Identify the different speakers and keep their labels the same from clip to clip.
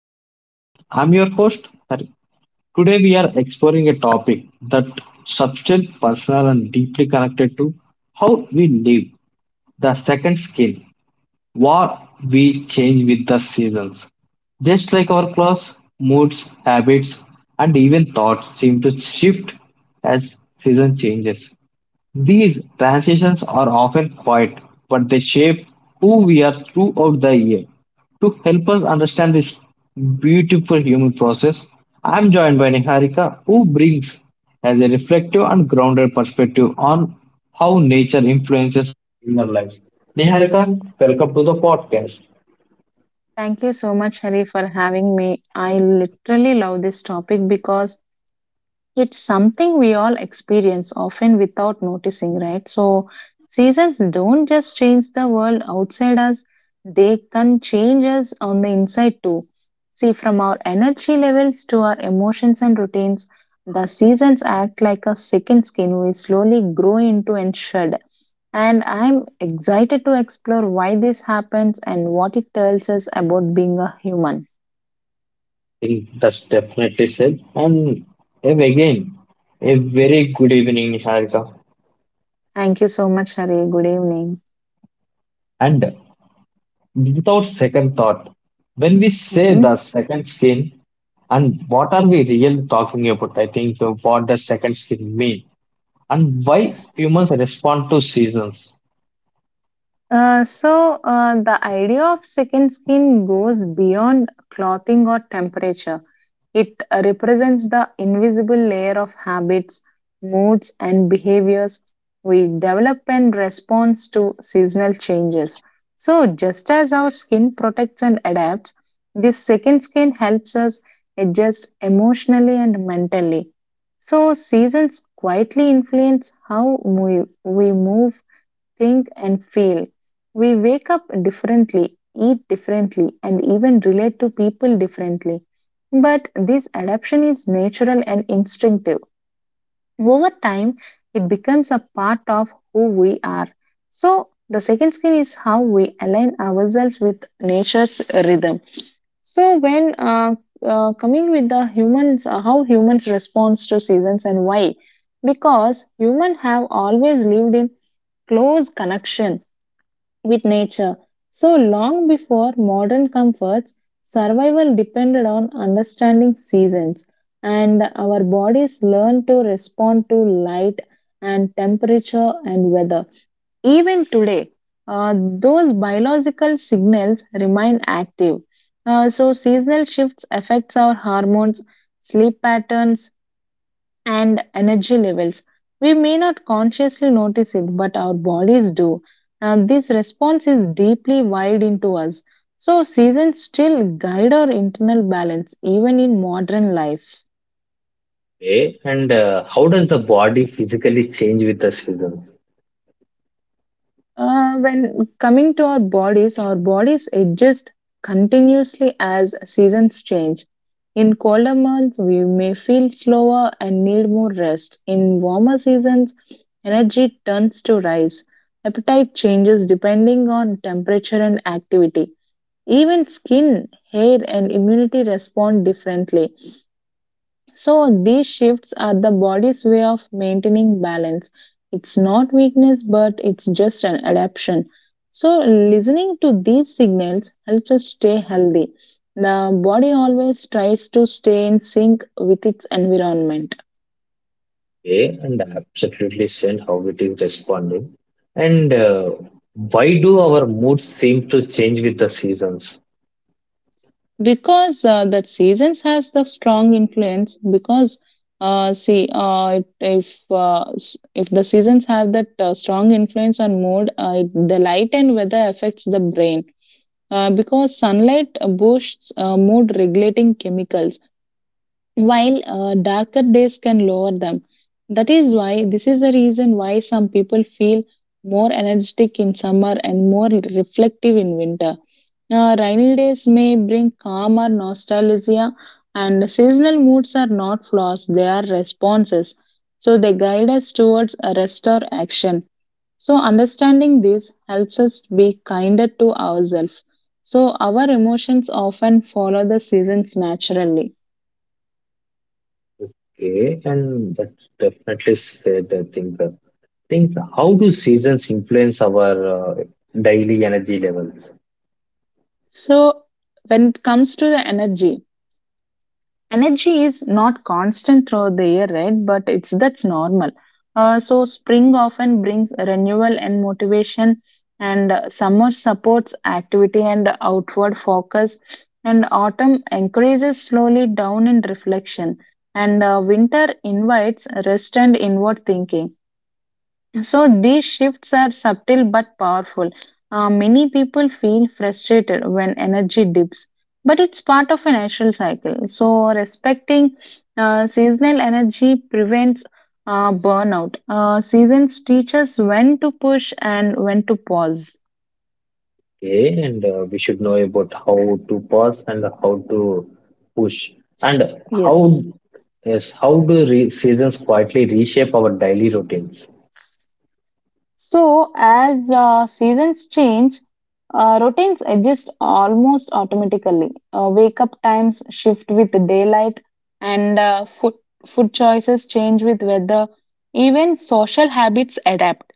Speaker 1: to the podcast. I'm your host, Hari. Today we are exploring a topic that substantial, personal and deeply connected to how we live, the second skin, what we change with the seasons. Just like our clothes, moods, habits and even thoughts seem to shift as season changes. These transitions are often quiet, but they shape who we are throughout the year. To help us understand this beautiful human process, I am joined by Niharika, who brings as a reflective and grounded perspective on how nature influences our lives. Niharika, welcome to the podcast.
Speaker 2: Thank you so much, Hari, for having me. I literally love this topic because it's something we all experience often without noticing, right? So, seasons don't just change the world outside us, they can change us on the inside too. See, from our energy levels to our emotions and routines, the seasons act like a second skin we slowly grow into and shed. And I'm excited to explore why this happens and what it tells us about being a human.
Speaker 1: I think that's definitely said. And again, a very good evening, Niharika.
Speaker 2: Thank you so much, Hari. Good evening.
Speaker 1: And without second thought, when we say
Speaker 2: Hmm.
Speaker 1: the second skin, and what are we really talking about? I think, what does second skin mean, and why humans respond to seasons.
Speaker 2: The idea of second skin goes beyond clothing or temperature. It represents the invisible layer of habits, moods, and behaviors we develop in response to seasonal changes. So, just as our skin protects and adapts, this second skin helps us adjust emotionally and mentally. So, seasons quietly influence how we move, think, and feel. We wake up differently, eat differently, and even relate to people differently. But this adaptation is natural and instinctive. Over time, it becomes a part of who we are. So, the second skill is how we align ourselves with nature's rhythm. So, when coming with the humans, how humans respond to seasons and why? Because humans have always lived in close connection with nature. So long before modern comforts, survival depended on understanding seasons, and our bodies learned to respond to light and temperature and weather. Even today, those biological signals remain active. So seasonal shifts affects our hormones, sleep patterns, and energy levels. We may not consciously notice it, but our bodies do. And this response is deeply wired into us. So, seasons still guide our internal balance, even in modern life.
Speaker 1: Okay, and how does the body physically change with the season?
Speaker 2: When coming to our bodies adjust continuously as seasons change. In colder months, we may feel slower and need more rest. In warmer seasons, energy tends to rise. Appetite changes depending on temperature and activity. Even skin, hair, and immunity respond differently. So these shifts are the body's way of maintaining balance. It's not weakness, but it's just an adaptation. So listening to these signals helps us stay healthy. The body always tries to stay in sync with its environment
Speaker 1: Okay, and absolutely sense how it is responding. And why do our moods seem to change with the seasons?
Speaker 2: because the seasons has the strong influence. Because see, it- if s- if the seasons have that strong influence on mood, the light and weather affects the brain, because sunlight boosts mood regulating chemicals while darker days can lower them. That is why, this is the reason why some people feel more energetic in summer and more reflective in winter. Rainy days may bring calm or nostalgia, and seasonal moods are not flaws, they are responses, so they guide us towards a rest or action. So, understanding this helps us be kinder to ourselves. So, our emotions often follow the seasons naturally.
Speaker 1: Okay, and that's definitely said, I think. Think, how do seasons influence our daily energy levels?
Speaker 2: So, when it comes to the energy, energy is not constant throughout the year, right? But it's, that's normal. So spring often brings renewal and motivation, and summer supports activity and outward focus, and autumn encourages slowly down and reflection, and winter invites rest and inward thinking. So these shifts are subtle but powerful. Many people feel frustrated when energy dips, but it's part of a natural cycle. So respecting seasonal energy prevents burnout. Seasons teach us when to push and when to pause.
Speaker 1: Okay, and we should know about how to pause and how to push, and
Speaker 2: Yes.
Speaker 1: how, yes, how do seasons quietly reshape our daily routines?
Speaker 2: So, as seasons change, routines adjust almost automatically. Wake up times shift with daylight, and food choices change with weather. Even social habits adapt.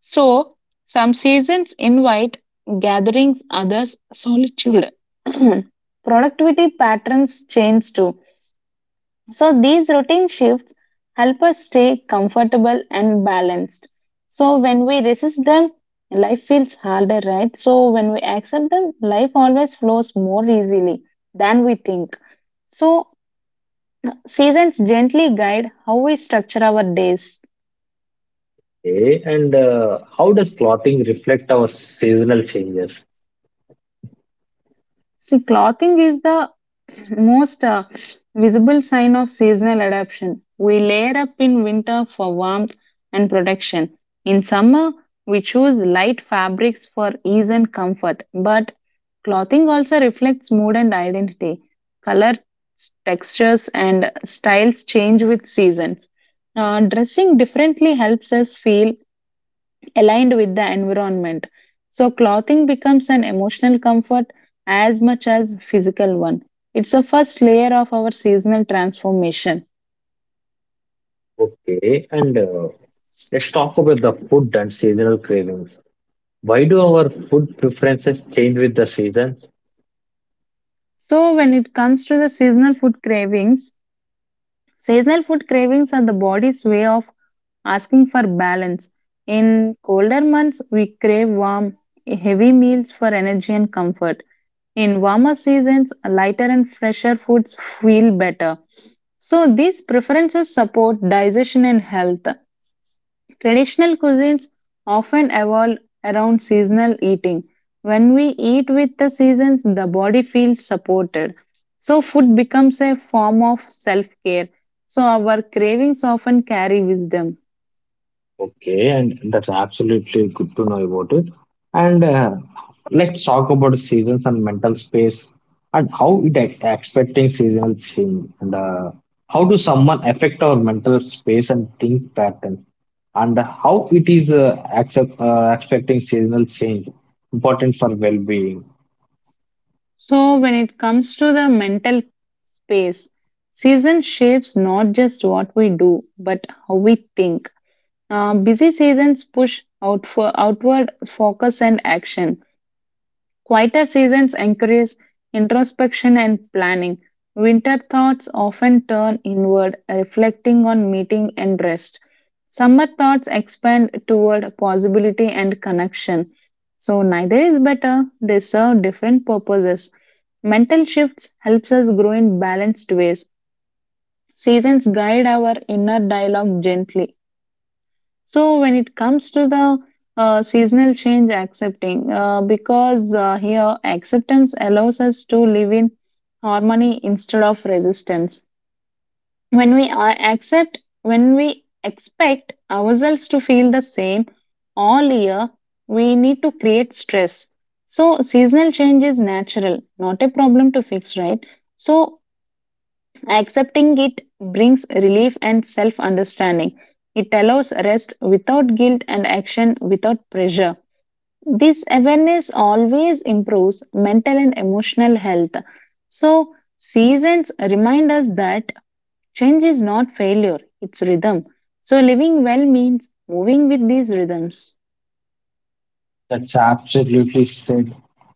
Speaker 2: So, some seasons invite gatherings, others, solitude. Productivity patterns change too, so these routine shifts help us stay comfortable and balanced. So when we resist them, life feels harder, right? So when we accept them, life always flows more easily than we think. So seasons gently guide how we structure our days.
Speaker 1: Okay, and how does clothing reflect our seasonal changes?
Speaker 2: See, clothing is the most visible sign of seasonal adaptation. We layer up in winter for warmth and protection. In summer, we choose light fabrics for ease and comfort. But clothing also reflects mood and identity. Color, textures, and styles change with seasons. Dressing differently helps us feel aligned with the environment. So, clothing becomes an emotional comfort as much as physical one. It's the first layer of our seasonal transformation.
Speaker 1: Okay, and let's talk about the food and seasonal cravings. Why do our food preferences change with the seasons?
Speaker 2: So, when it comes to the seasonal food cravings, seasonal food cravings are the body's way of asking for balance. In colder months, we crave warm, heavy meals for energy and comfort. In warmer seasons, lighter and fresher foods feel better. So, these preferences support digestion and health. Traditional cuisines often evolve around seasonal eating. When we eat with the seasons, the body feels supported. So, food becomes a form of self care. So, our cravings often carry wisdom.
Speaker 1: Okay, and that's absolutely good to know about it. And let's talk about seasons and mental space, and how it expecting seasons change, and how do someone affect our mental space and think pattern, and how it is accept, expecting seasonal change important for well-being.
Speaker 2: So, when it comes to the mental space, season shapes not just what we do, but how we think. Busy seasons push out for outward focus and action. Quieter seasons encourage introspection and planning. Winter thoughts often turn inward, reflecting on meeting and rest. Summer thoughts expand toward possibility and connection. So neither is better, they serve different purposes. Mental shifts helps us grow in balanced ways. Seasons guide our inner dialogue gently. So when it comes to the seasonal change accepting, because here acceptance allows us to live in harmony instead of resistance. When we when we expect ourselves to feel the same all year, we need to create stress. So seasonal change is natural, not a problem to fix, right? So accepting it brings relief and self understanding. It allows rest without guilt and action without pressure. This awareness always improves mental and emotional health. So, seasons remind us that change is not failure, it's rhythm. So, living well means moving with these rhythms.
Speaker 1: That's absolutely said.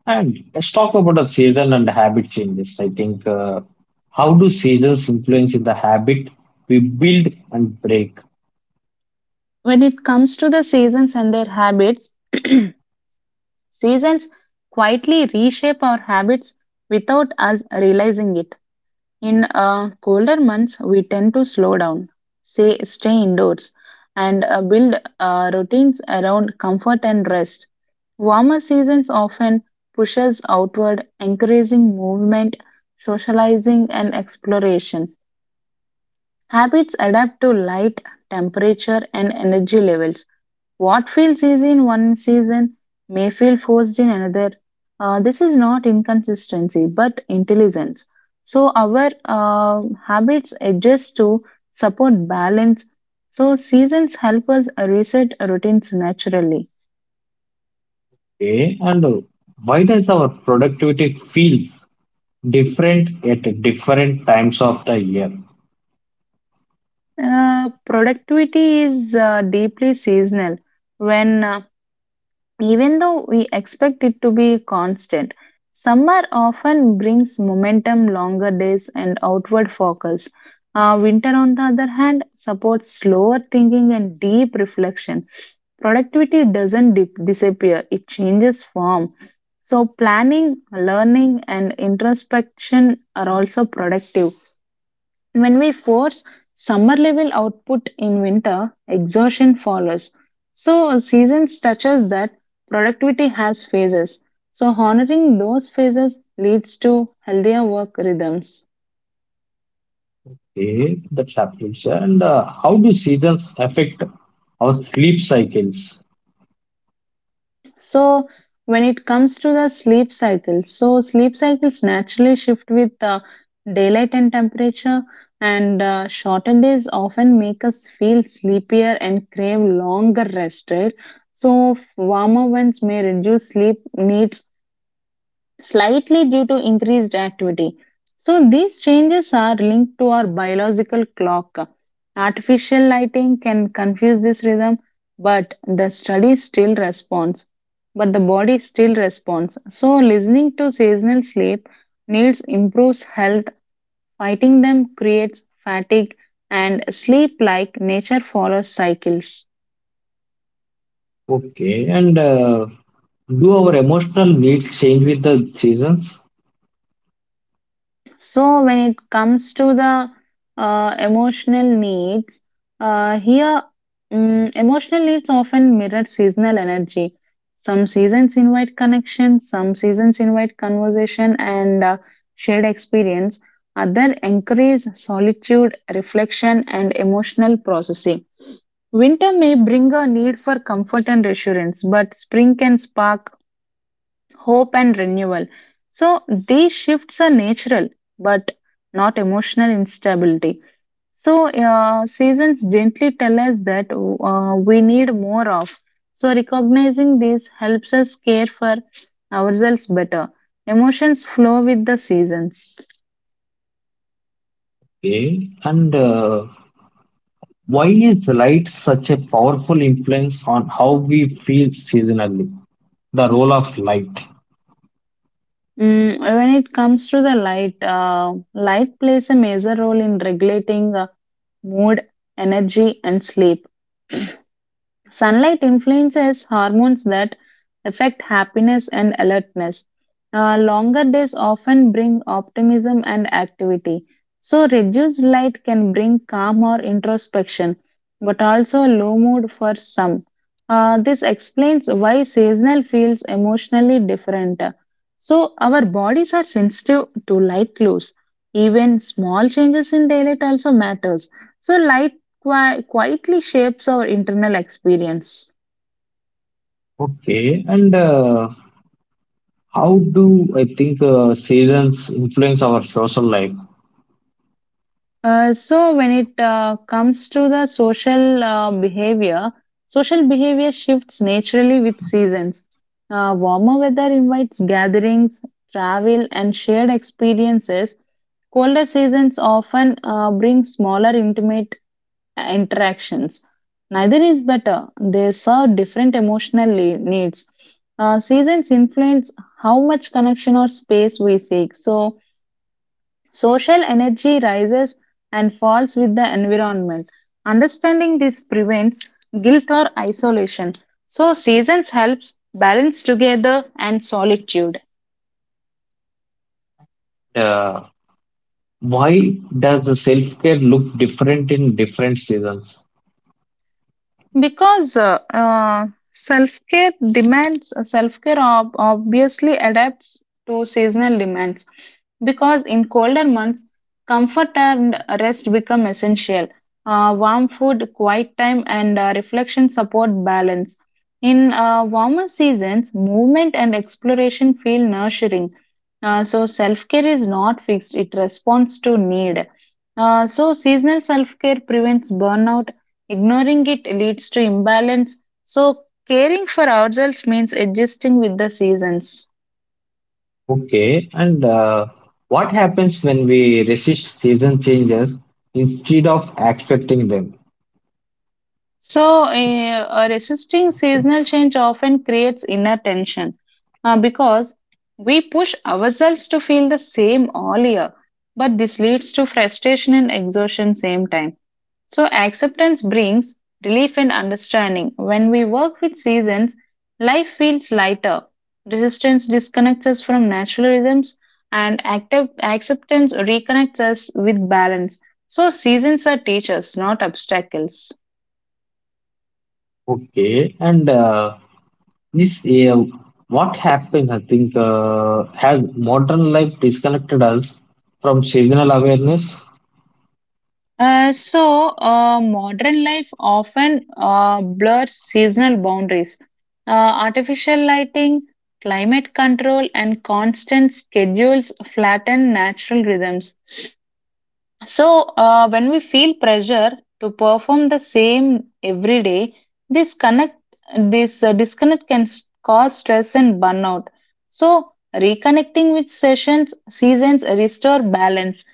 Speaker 1: And let's talk about the season and the habit changes. I think, how do seasons influence in the habit we build and break?
Speaker 2: When it comes to the seasons and their habits, seasons quietly reshape our habits without us realizing it. In colder months, we tend to slow down, say, stay indoors, and build routines around comfort and rest. Warmer seasons often push us outward, encouraging movement, socializing, and exploration. Habits adapt to light, temperature, and energy levels. What feels easy in one season may feel forced in another. This is not inconsistency, but intelligence. So our habits adjust to support balance. So seasons help us reset routines naturally.
Speaker 1: Okay, and why does our productivity feel different at different times of the year?
Speaker 2: Productivity is deeply seasonal. When Even though we expect it to be constant, summer often brings momentum, longer days, and outward focus. Winter, on the other hand, supports slower thinking and deep reflection. Productivity doesn't dip- disappear, it changes form. So, planning, learning, and introspection are also productive. When we force summer level output in winter, exhaustion follows. So, seasons touches that productivity has phases. So, honoring those phases leads to healthier work rhythms.
Speaker 1: Okay, that's absolutely said. And how do seasons affect our sleep cycles?
Speaker 2: So, when it comes to the sleep cycles, so sleep cycles naturally shift with daylight and temperature, and shorter days often make us feel sleepier and crave longer rest, right? So, warmer winds may reduce sleep needs slightly due to increased activity. So, these changes are linked to our biological clock. Artificial lighting can confuse this rhythm, but the study still responds. But the body still responds. So, listening to seasonal sleep needs improves health, fighting them creates fatigue, and sleep like nature follows cycles.
Speaker 1: Okay, and do our emotional needs change with the seasons?
Speaker 2: So, when it comes to the emotional needs, uh, here emotional needs often mirror seasonal energy. Some seasons invite connection, some seasons invite conversation and shared experience. Other encourage solitude, reflection, and emotional processing. Winter may bring a need for comfort and reassurance, but spring can spark hope and renewal. So these shifts are natural but not emotional instability. So seasons gently tell us that we need more of. So recognizing this helps us care for ourselves better. Emotions flow with the seasons.
Speaker 1: Okay. And why is light such a powerful influence on how we feel seasonally? The role of light.
Speaker 2: When it comes to the light, light plays a major role in regulating mood, energy, and sleep. Sunlight influences hormones that affect happiness and alertness. Longer days often bring optimism and activity. So, reduced light can bring calm or introspection, but also low mood for some. This explains why seasonal feels emotionally different. So, our bodies are sensitive to light clues. Even small changes in daylight also matters. So, light quietly shapes our internal experience.
Speaker 1: Okay. And how do I think seasons influence our social life?
Speaker 2: So, when it Comes to the social behavior, social behavior shifts naturally with seasons. Warmer weather invites gatherings, travel, and shared experiences. Colder seasons often bring smaller, intimate interactions. Neither is better. They serve different emotional needs. Seasons influence how much connection or space we seek. So, social energy rises and falls with the environment. Understanding this prevents guilt or isolation. So, seasons helps balance together and solitude.
Speaker 1: Uh, why does the self-care look different in different seasons?
Speaker 2: Because self care demands, Self care obviously adapts to seasonal demands. Because in colder months, comfort and rest become essential. Warm food, quiet time, and reflection support balance. In warmer seasons, movement and exploration feel nurturing. Self care is not fixed, it responds to need. Seasonal self care prevents burnout. Ignoring it leads to imbalance. So, caring for ourselves means adjusting with the seasons.
Speaker 1: Okay. And what happens when we resist season changes instead of accepting them? So,
Speaker 2: Resisting
Speaker 1: so,
Speaker 2: seasonal change often creates inner tension because we push ourselves to feel the same all year, but this leads to frustration and exhaustion same time. So, acceptance brings relief and understanding. When we work with seasons, life feels lighter. Resistance disconnects us from natural rhythms, and active acceptance reconnects us with balance. So, seasons are teachers, not obstacles.
Speaker 1: okay. And yes, yeah, what happened, I think, has modern life disconnected us from seasonal awareness?
Speaker 2: Modern life often blurs seasonal boundaries. Uh, Artificial lighting, climate control, and constant schedules flatten natural rhythms. So, when we feel pressure to perform the same every day, this connect this disconnect can cause stress and burnout. So, reconnecting with sessions seasons restore balance,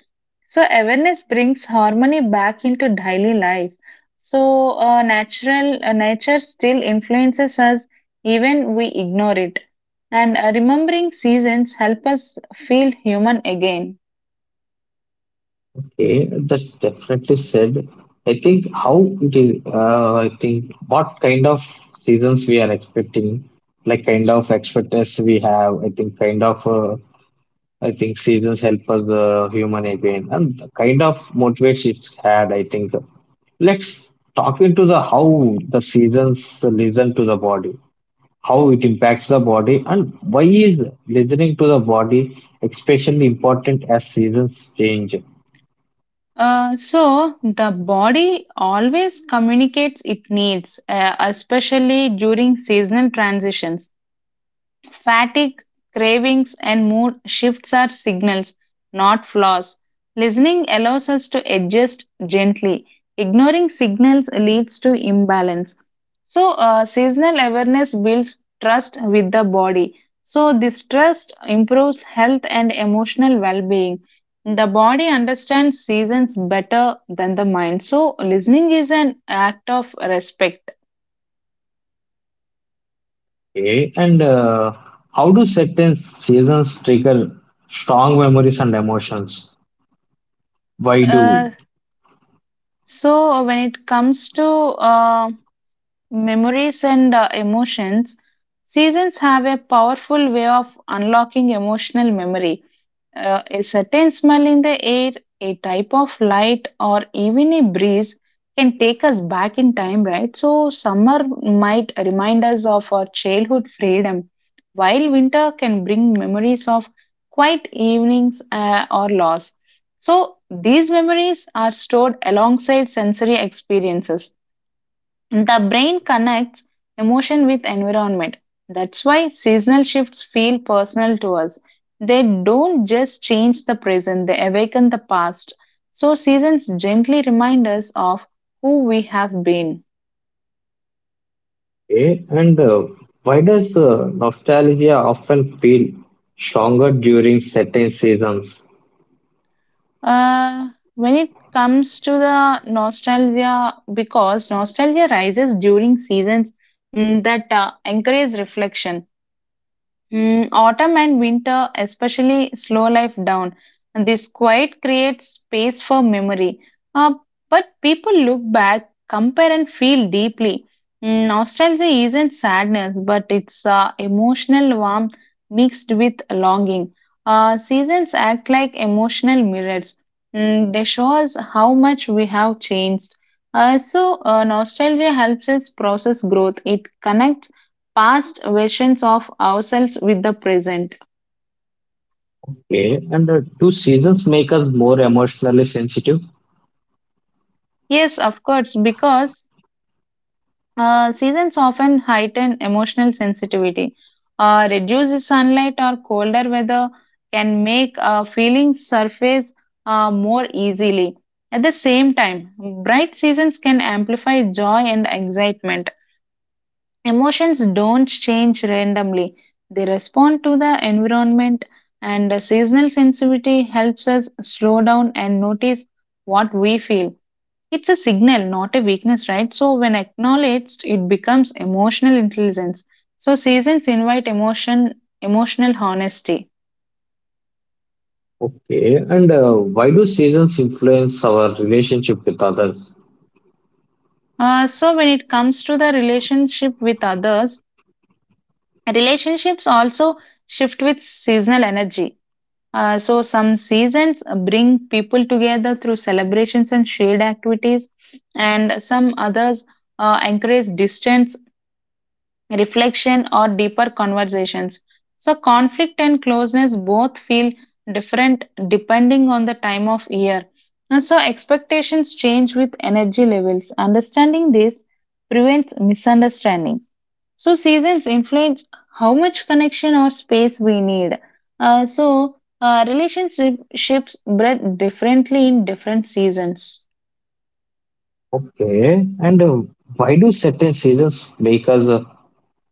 Speaker 2: so awareness brings harmony back into daily life. So natural nature still influences us even we ignore it. And remembering seasons help us feel human again.
Speaker 1: Okay, that's definitely said. I think how it is, I think what kind of seasons we are expecting, like kind of expectations we have, I think kind of, I think seasons help us, human again, and the kind of motivates it's had, I think. Let's talk into the how the seasons listen to the body, how it impacts the body, and why is listening to the body especially important as seasons change?
Speaker 2: So the body always communicates it needs, especially during seasonal transitions. Fatigue, cravings, and mood shifts are signals, not flaws. Listening allows us to adjust gently. Ignoring signals leads to imbalance. So, seasonal awareness builds trust with the body. So, this trust improves health and emotional well being. The body understands seasons better than the mind. So, listening is an act of respect.
Speaker 1: Okay, and how do certain seasons trigger strong memories and emotions? Why
Speaker 2: Uh,
Speaker 1: do?
Speaker 2: when it comes to uh, memories and emotions, seasons have a powerful way of unlocking emotional memory. A certain smell in the air, a type of light, or even a breeze can take us back in time, right? So, summer might remind us of our childhood freedom, while winter can bring memories of quiet evenings or loss. So, these memories are stored alongside sensory experiences, the brain connects emotion with environment. That's why seasonal shifts feel personal to us. They don't just change the present, they awaken the past. So, seasons gently remind us of who we have been.
Speaker 1: Okay, and why does nostalgia often feel stronger during certain seasons?
Speaker 2: Uh, when it comes to the nostalgia, because nostalgia rises during seasons that encourage reflection. Mm, autumn and winter especially slow life down. And this quiet creates space for memory. Uh, but people look back, compare, and feel deeply. Mm, nostalgia isn't sadness, but it's emotional warmth mixed with longing. Seasons act like emotional mirrors. Mm, they show us how much we have changed. Nostalgia helps us process growth. It connects past versions of ourselves with the present.
Speaker 1: Okay, and do seasons make us more emotionally sensitive?
Speaker 2: Yes, of course, because seasons often heighten emotional sensitivity. Reduced sunlight or colder weather can make feelings surface more easily. At the same time, bright seasons can amplify joy and excitement. Emotions don't change randomly, they respond to the environment, and the seasonal sensitivity helps us slow down and notice what we feel. It's a signal, not a weakness, right? So, when acknowledged, it becomes emotional intelligence. So, seasons invite emotion, emotional honesty.
Speaker 1: Okay, and why do seasons influence our relationship with others?
Speaker 2: When it comes to the relationship with others, relationships also shift with seasonal energy. So some seasons bring people together through celebrations and shared activities, and some others encourage distance, reflection, or deeper conversations. So conflict and closeness both feel different depending on the time of year. And so expectations change with energy levels. Understanding this prevents misunderstanding. So seasons influence how much connection or space we need. So relationships breathe differently in different seasons.
Speaker 1: Okay. And why do certain seasons make us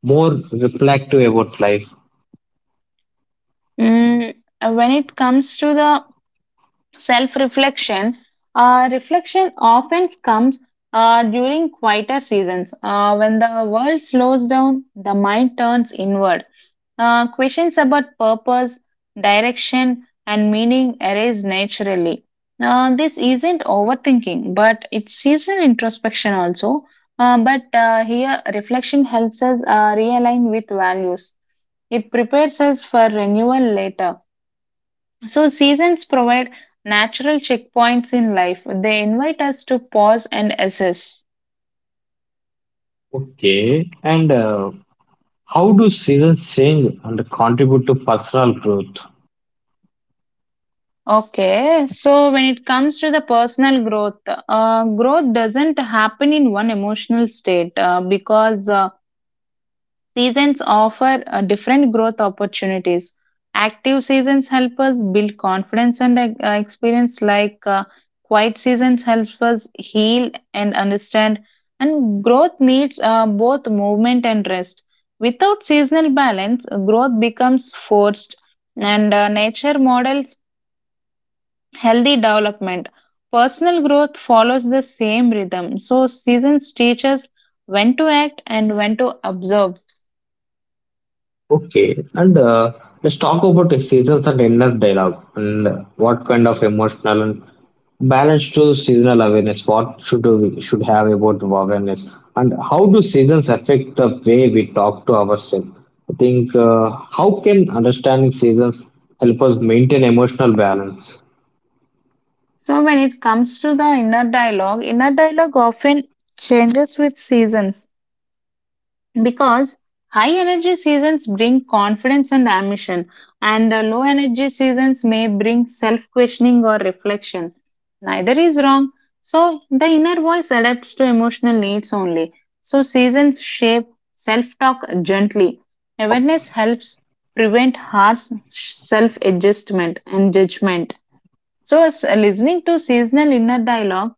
Speaker 1: more reflective about life?
Speaker 2: Mm, when it comes to the self-reflection, reflection often comes during quieter seasons. When the world slows down, the mind turns inward. Questions about purpose, direction, and meaning arise naturally. This isn't overthinking, but it's seasonal introspection also. But Here, reflection helps us realign with values. It prepares us for renewal later. So, seasons provide natural checkpoints in life. They invite us to pause and assess.
Speaker 1: Okay. And how do seasons change and contribute to personal growth?
Speaker 2: Okay, so when it comes to the personal growth, growth doesn't happen in one emotional state because seasons offer different growth opportunities. Active seasons help us build confidence and experience, like quiet seasons help us heal and understand. And growth needs both movement and rest. Without seasonal balance, growth becomes forced, and nature models healthy development. Personal growth follows the same rhythm. So, seasons teach us when to act and when to observe.
Speaker 1: Okay, and let's talk about the seasons and inner dialogue and what kind of emotional and balance to seasonal awareness. What should we should have about awareness, and how do seasons affect the way we talk to ourselves? I think, how can understanding seasons help us maintain emotional balance?
Speaker 2: So, when it comes to the inner dialogue often changes with seasons, because high energy seasons bring confidence and ambition, and low energy seasons may bring self questioning or reflection. Neither is wrong, so the inner voice adapts to emotional needs only. So seasons shape self talk gently. Awareness helps prevent harsh self adjustment and judgment. So as uh, listening to seasonal inner dialogue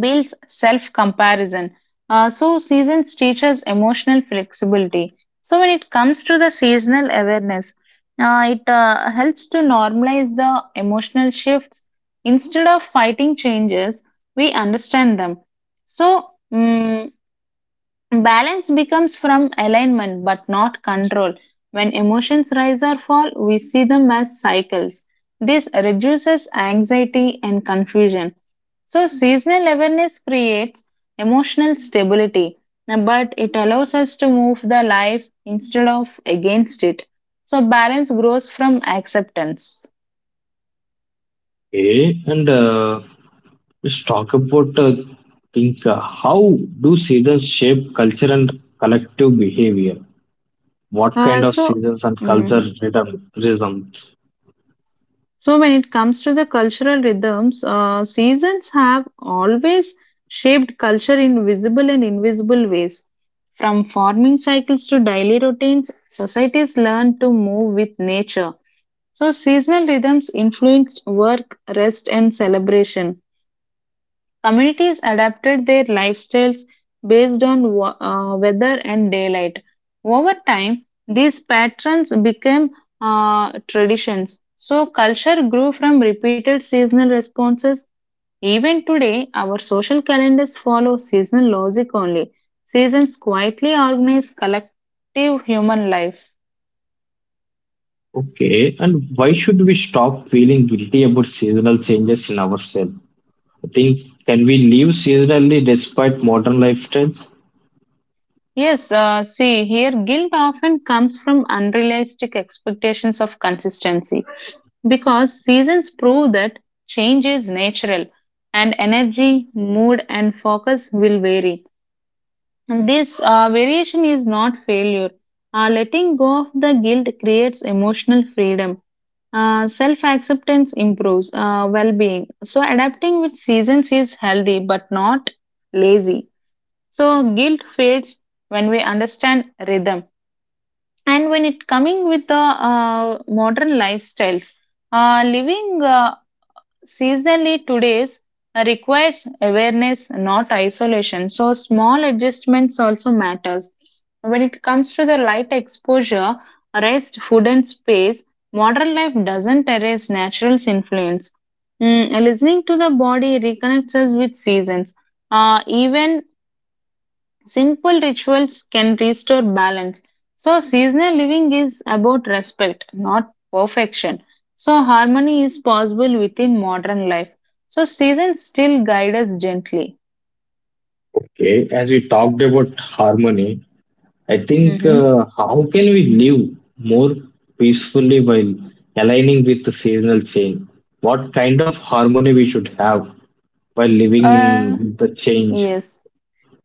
Speaker 2: builds self comparison. Seasons teaches emotional flexibility. So, when it comes to the seasonal awareness, it helps to normalize the emotional shifts. Instead of fighting changes, we understand them. So, balance becomes from alignment but not control. When emotions rise or fall, we see them as cycles. This reduces anxiety and confusion. So, seasonal awareness creates emotional stability, but it allows us to move the life instead of against it. So, balance grows from acceptance.
Speaker 1: Okay, and let's talk about think, how do seasons shape culture and collective behavior? What kind
Speaker 2: Uh,
Speaker 1: of
Speaker 2: so,
Speaker 1: seasons and culture
Speaker 2: mm,
Speaker 1: rhythms?
Speaker 2: So, when it comes to the cultural rhythms, seasons have always shaped culture in visible and invisible ways. From farming cycles to daily routines, societies learn to move with nature. So, seasonal rhythms influenced work, rest, and celebration. Communities adapted their lifestyles based on weather and daylight. Over time, these patterns became traditions. So, culture grew from repeated seasonal responses. Even today, our social calendars follow seasonal logic only. Seasons quietly organize collective human life.
Speaker 1: Okay, and why should we stop feeling guilty about seasonal changes in ourselves? I think, can we live seasonally despite modern lifestyles?
Speaker 2: Yes, see, here guilt often comes from unrealistic expectations of consistency, because seasons prove that change is natural, and energy, mood, and focus will vary. And this variation is not failure. Letting go of the guilt creates emotional freedom. Self acceptance improves well being. So, adapting with seasons is healthy but not lazy. So, guilt fades when we understand rhythm. And when it coming with the modern lifestyles, living seasonally, today's requires awareness, not isolation. So small adjustments also matters. When it comes to the light exposure, rest, food, and space, modern life doesn't erase natural's influence. Mm, listening to the body reconnects us with seasons. Even simple rituals can restore balance. So, seasonal living is about respect, not perfection. So, harmony is possible within modern life. So, seasons still guide us gently.
Speaker 1: Okay, as we talked about harmony, I think,
Speaker 2: Hmm.
Speaker 1: how can we live more peacefully while aligning with the seasonal change? What kind of harmony we should have while living
Speaker 2: Uh,
Speaker 1: in the change?
Speaker 2: yes.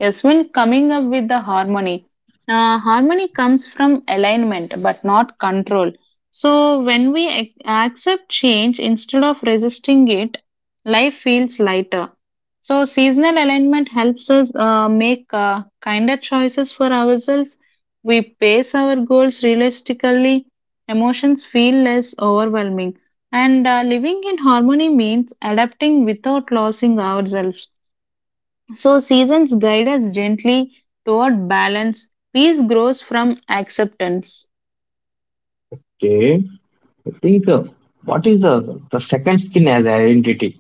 Speaker 2: Yes, when coming up with the harmony, harmony comes from alignment but not control. So, when we accept change instead of resisting it, life feels lighter. So, seasonal alignment helps us make kinder choices for ourselves. We pace our goals realistically, emotions feel less overwhelming. And living in harmony means adapting without losing ourselves. So, seasons guide us gently toward balance. Peace grows from acceptance,
Speaker 1: Okay, I think, what is the second skin as identity?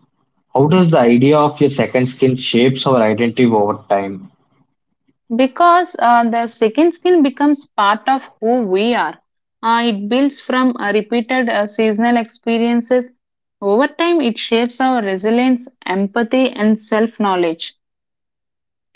Speaker 1: How does the idea of your second skin shapes our identity over time?
Speaker 2: because the second skin becomes part of who we are. It builds from repeated seasonal experiences. Over time, it shapes our resilience, empathy, and self knowledge.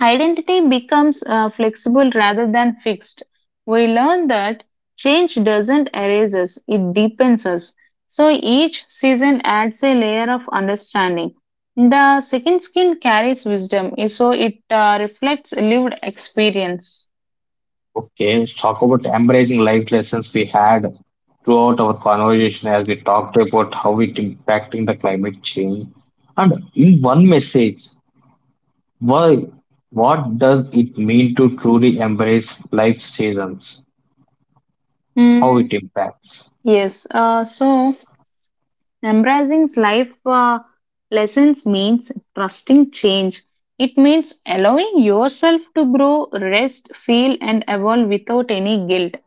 Speaker 2: Identity becomes flexible rather than fixed. We learn that change doesn't erase us, it deepens us. So each season adds a layer of understanding. The second skin carries wisdom, so it reflects lived experience.
Speaker 1: Okay, let's talk about embracing life lessons we had throughout our conversation as we talked about how it impacting the climate change. And in one message, why, what does it mean to truly embrace life seasons? How it
Speaker 2: Mm,
Speaker 1: impacts?
Speaker 2: yes. Embracing life lessons means trusting change. It means allowing yourself to grow, rest, feel, and evolve without any guilt.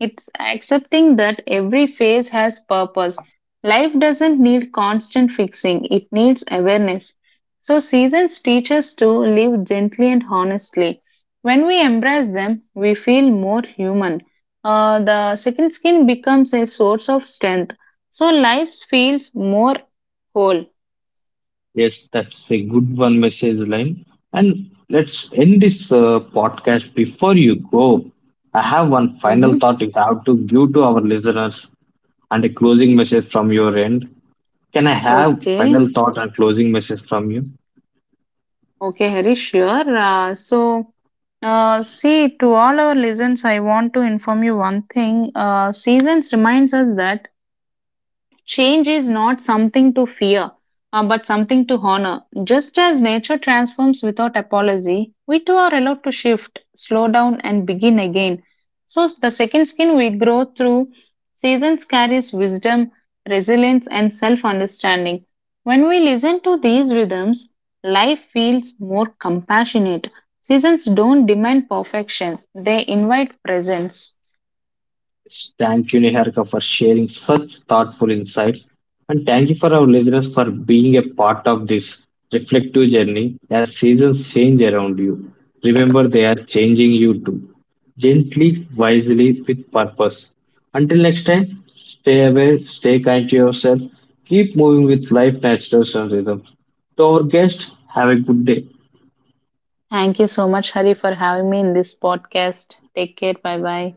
Speaker 2: It's accepting that every phase has purpose. Life doesn't need constant fixing, it needs awareness. So, seasons teach us to live gently and honestly. When we embrace them, we feel more human. The second skin becomes a source of strength, so life feels more whole.
Speaker 1: Yes, that's a good one message line. And let's end this podcast before you go. I have one final
Speaker 2: Mm-hmm.
Speaker 1: thought if I have to give to our listeners and a closing message from your end. Can I have
Speaker 2: Okay,
Speaker 1: final thought and closing message from you?
Speaker 2: okay, Harish, sure. See, to all our listeners, I want to inform you one thing. Seasons reminds us that change is not something to fear, but something to honor. Just as nature transforms without apology, we too are allowed to shift, slow down, and begin again. So, the second skin we grow through seasons carries wisdom, resilience, and self understanding. When we listen to these rhythms, life feels more compassionate. Seasons don't demand perfection, they invite presence.
Speaker 1: Thank you, Niharika, for sharing such thoughtful insights. And thank you for our listeners for being a part of this reflective journey as seasons change around you. Remember, they are changing you too. Gently, wisely, with purpose. Until next time, stay aware, stay kind to yourself, keep moving with life, natural, and rhythm. To our guests, have a good day.
Speaker 2: Thank you so much, Hari, for having me in this podcast. Take care. Bye bye.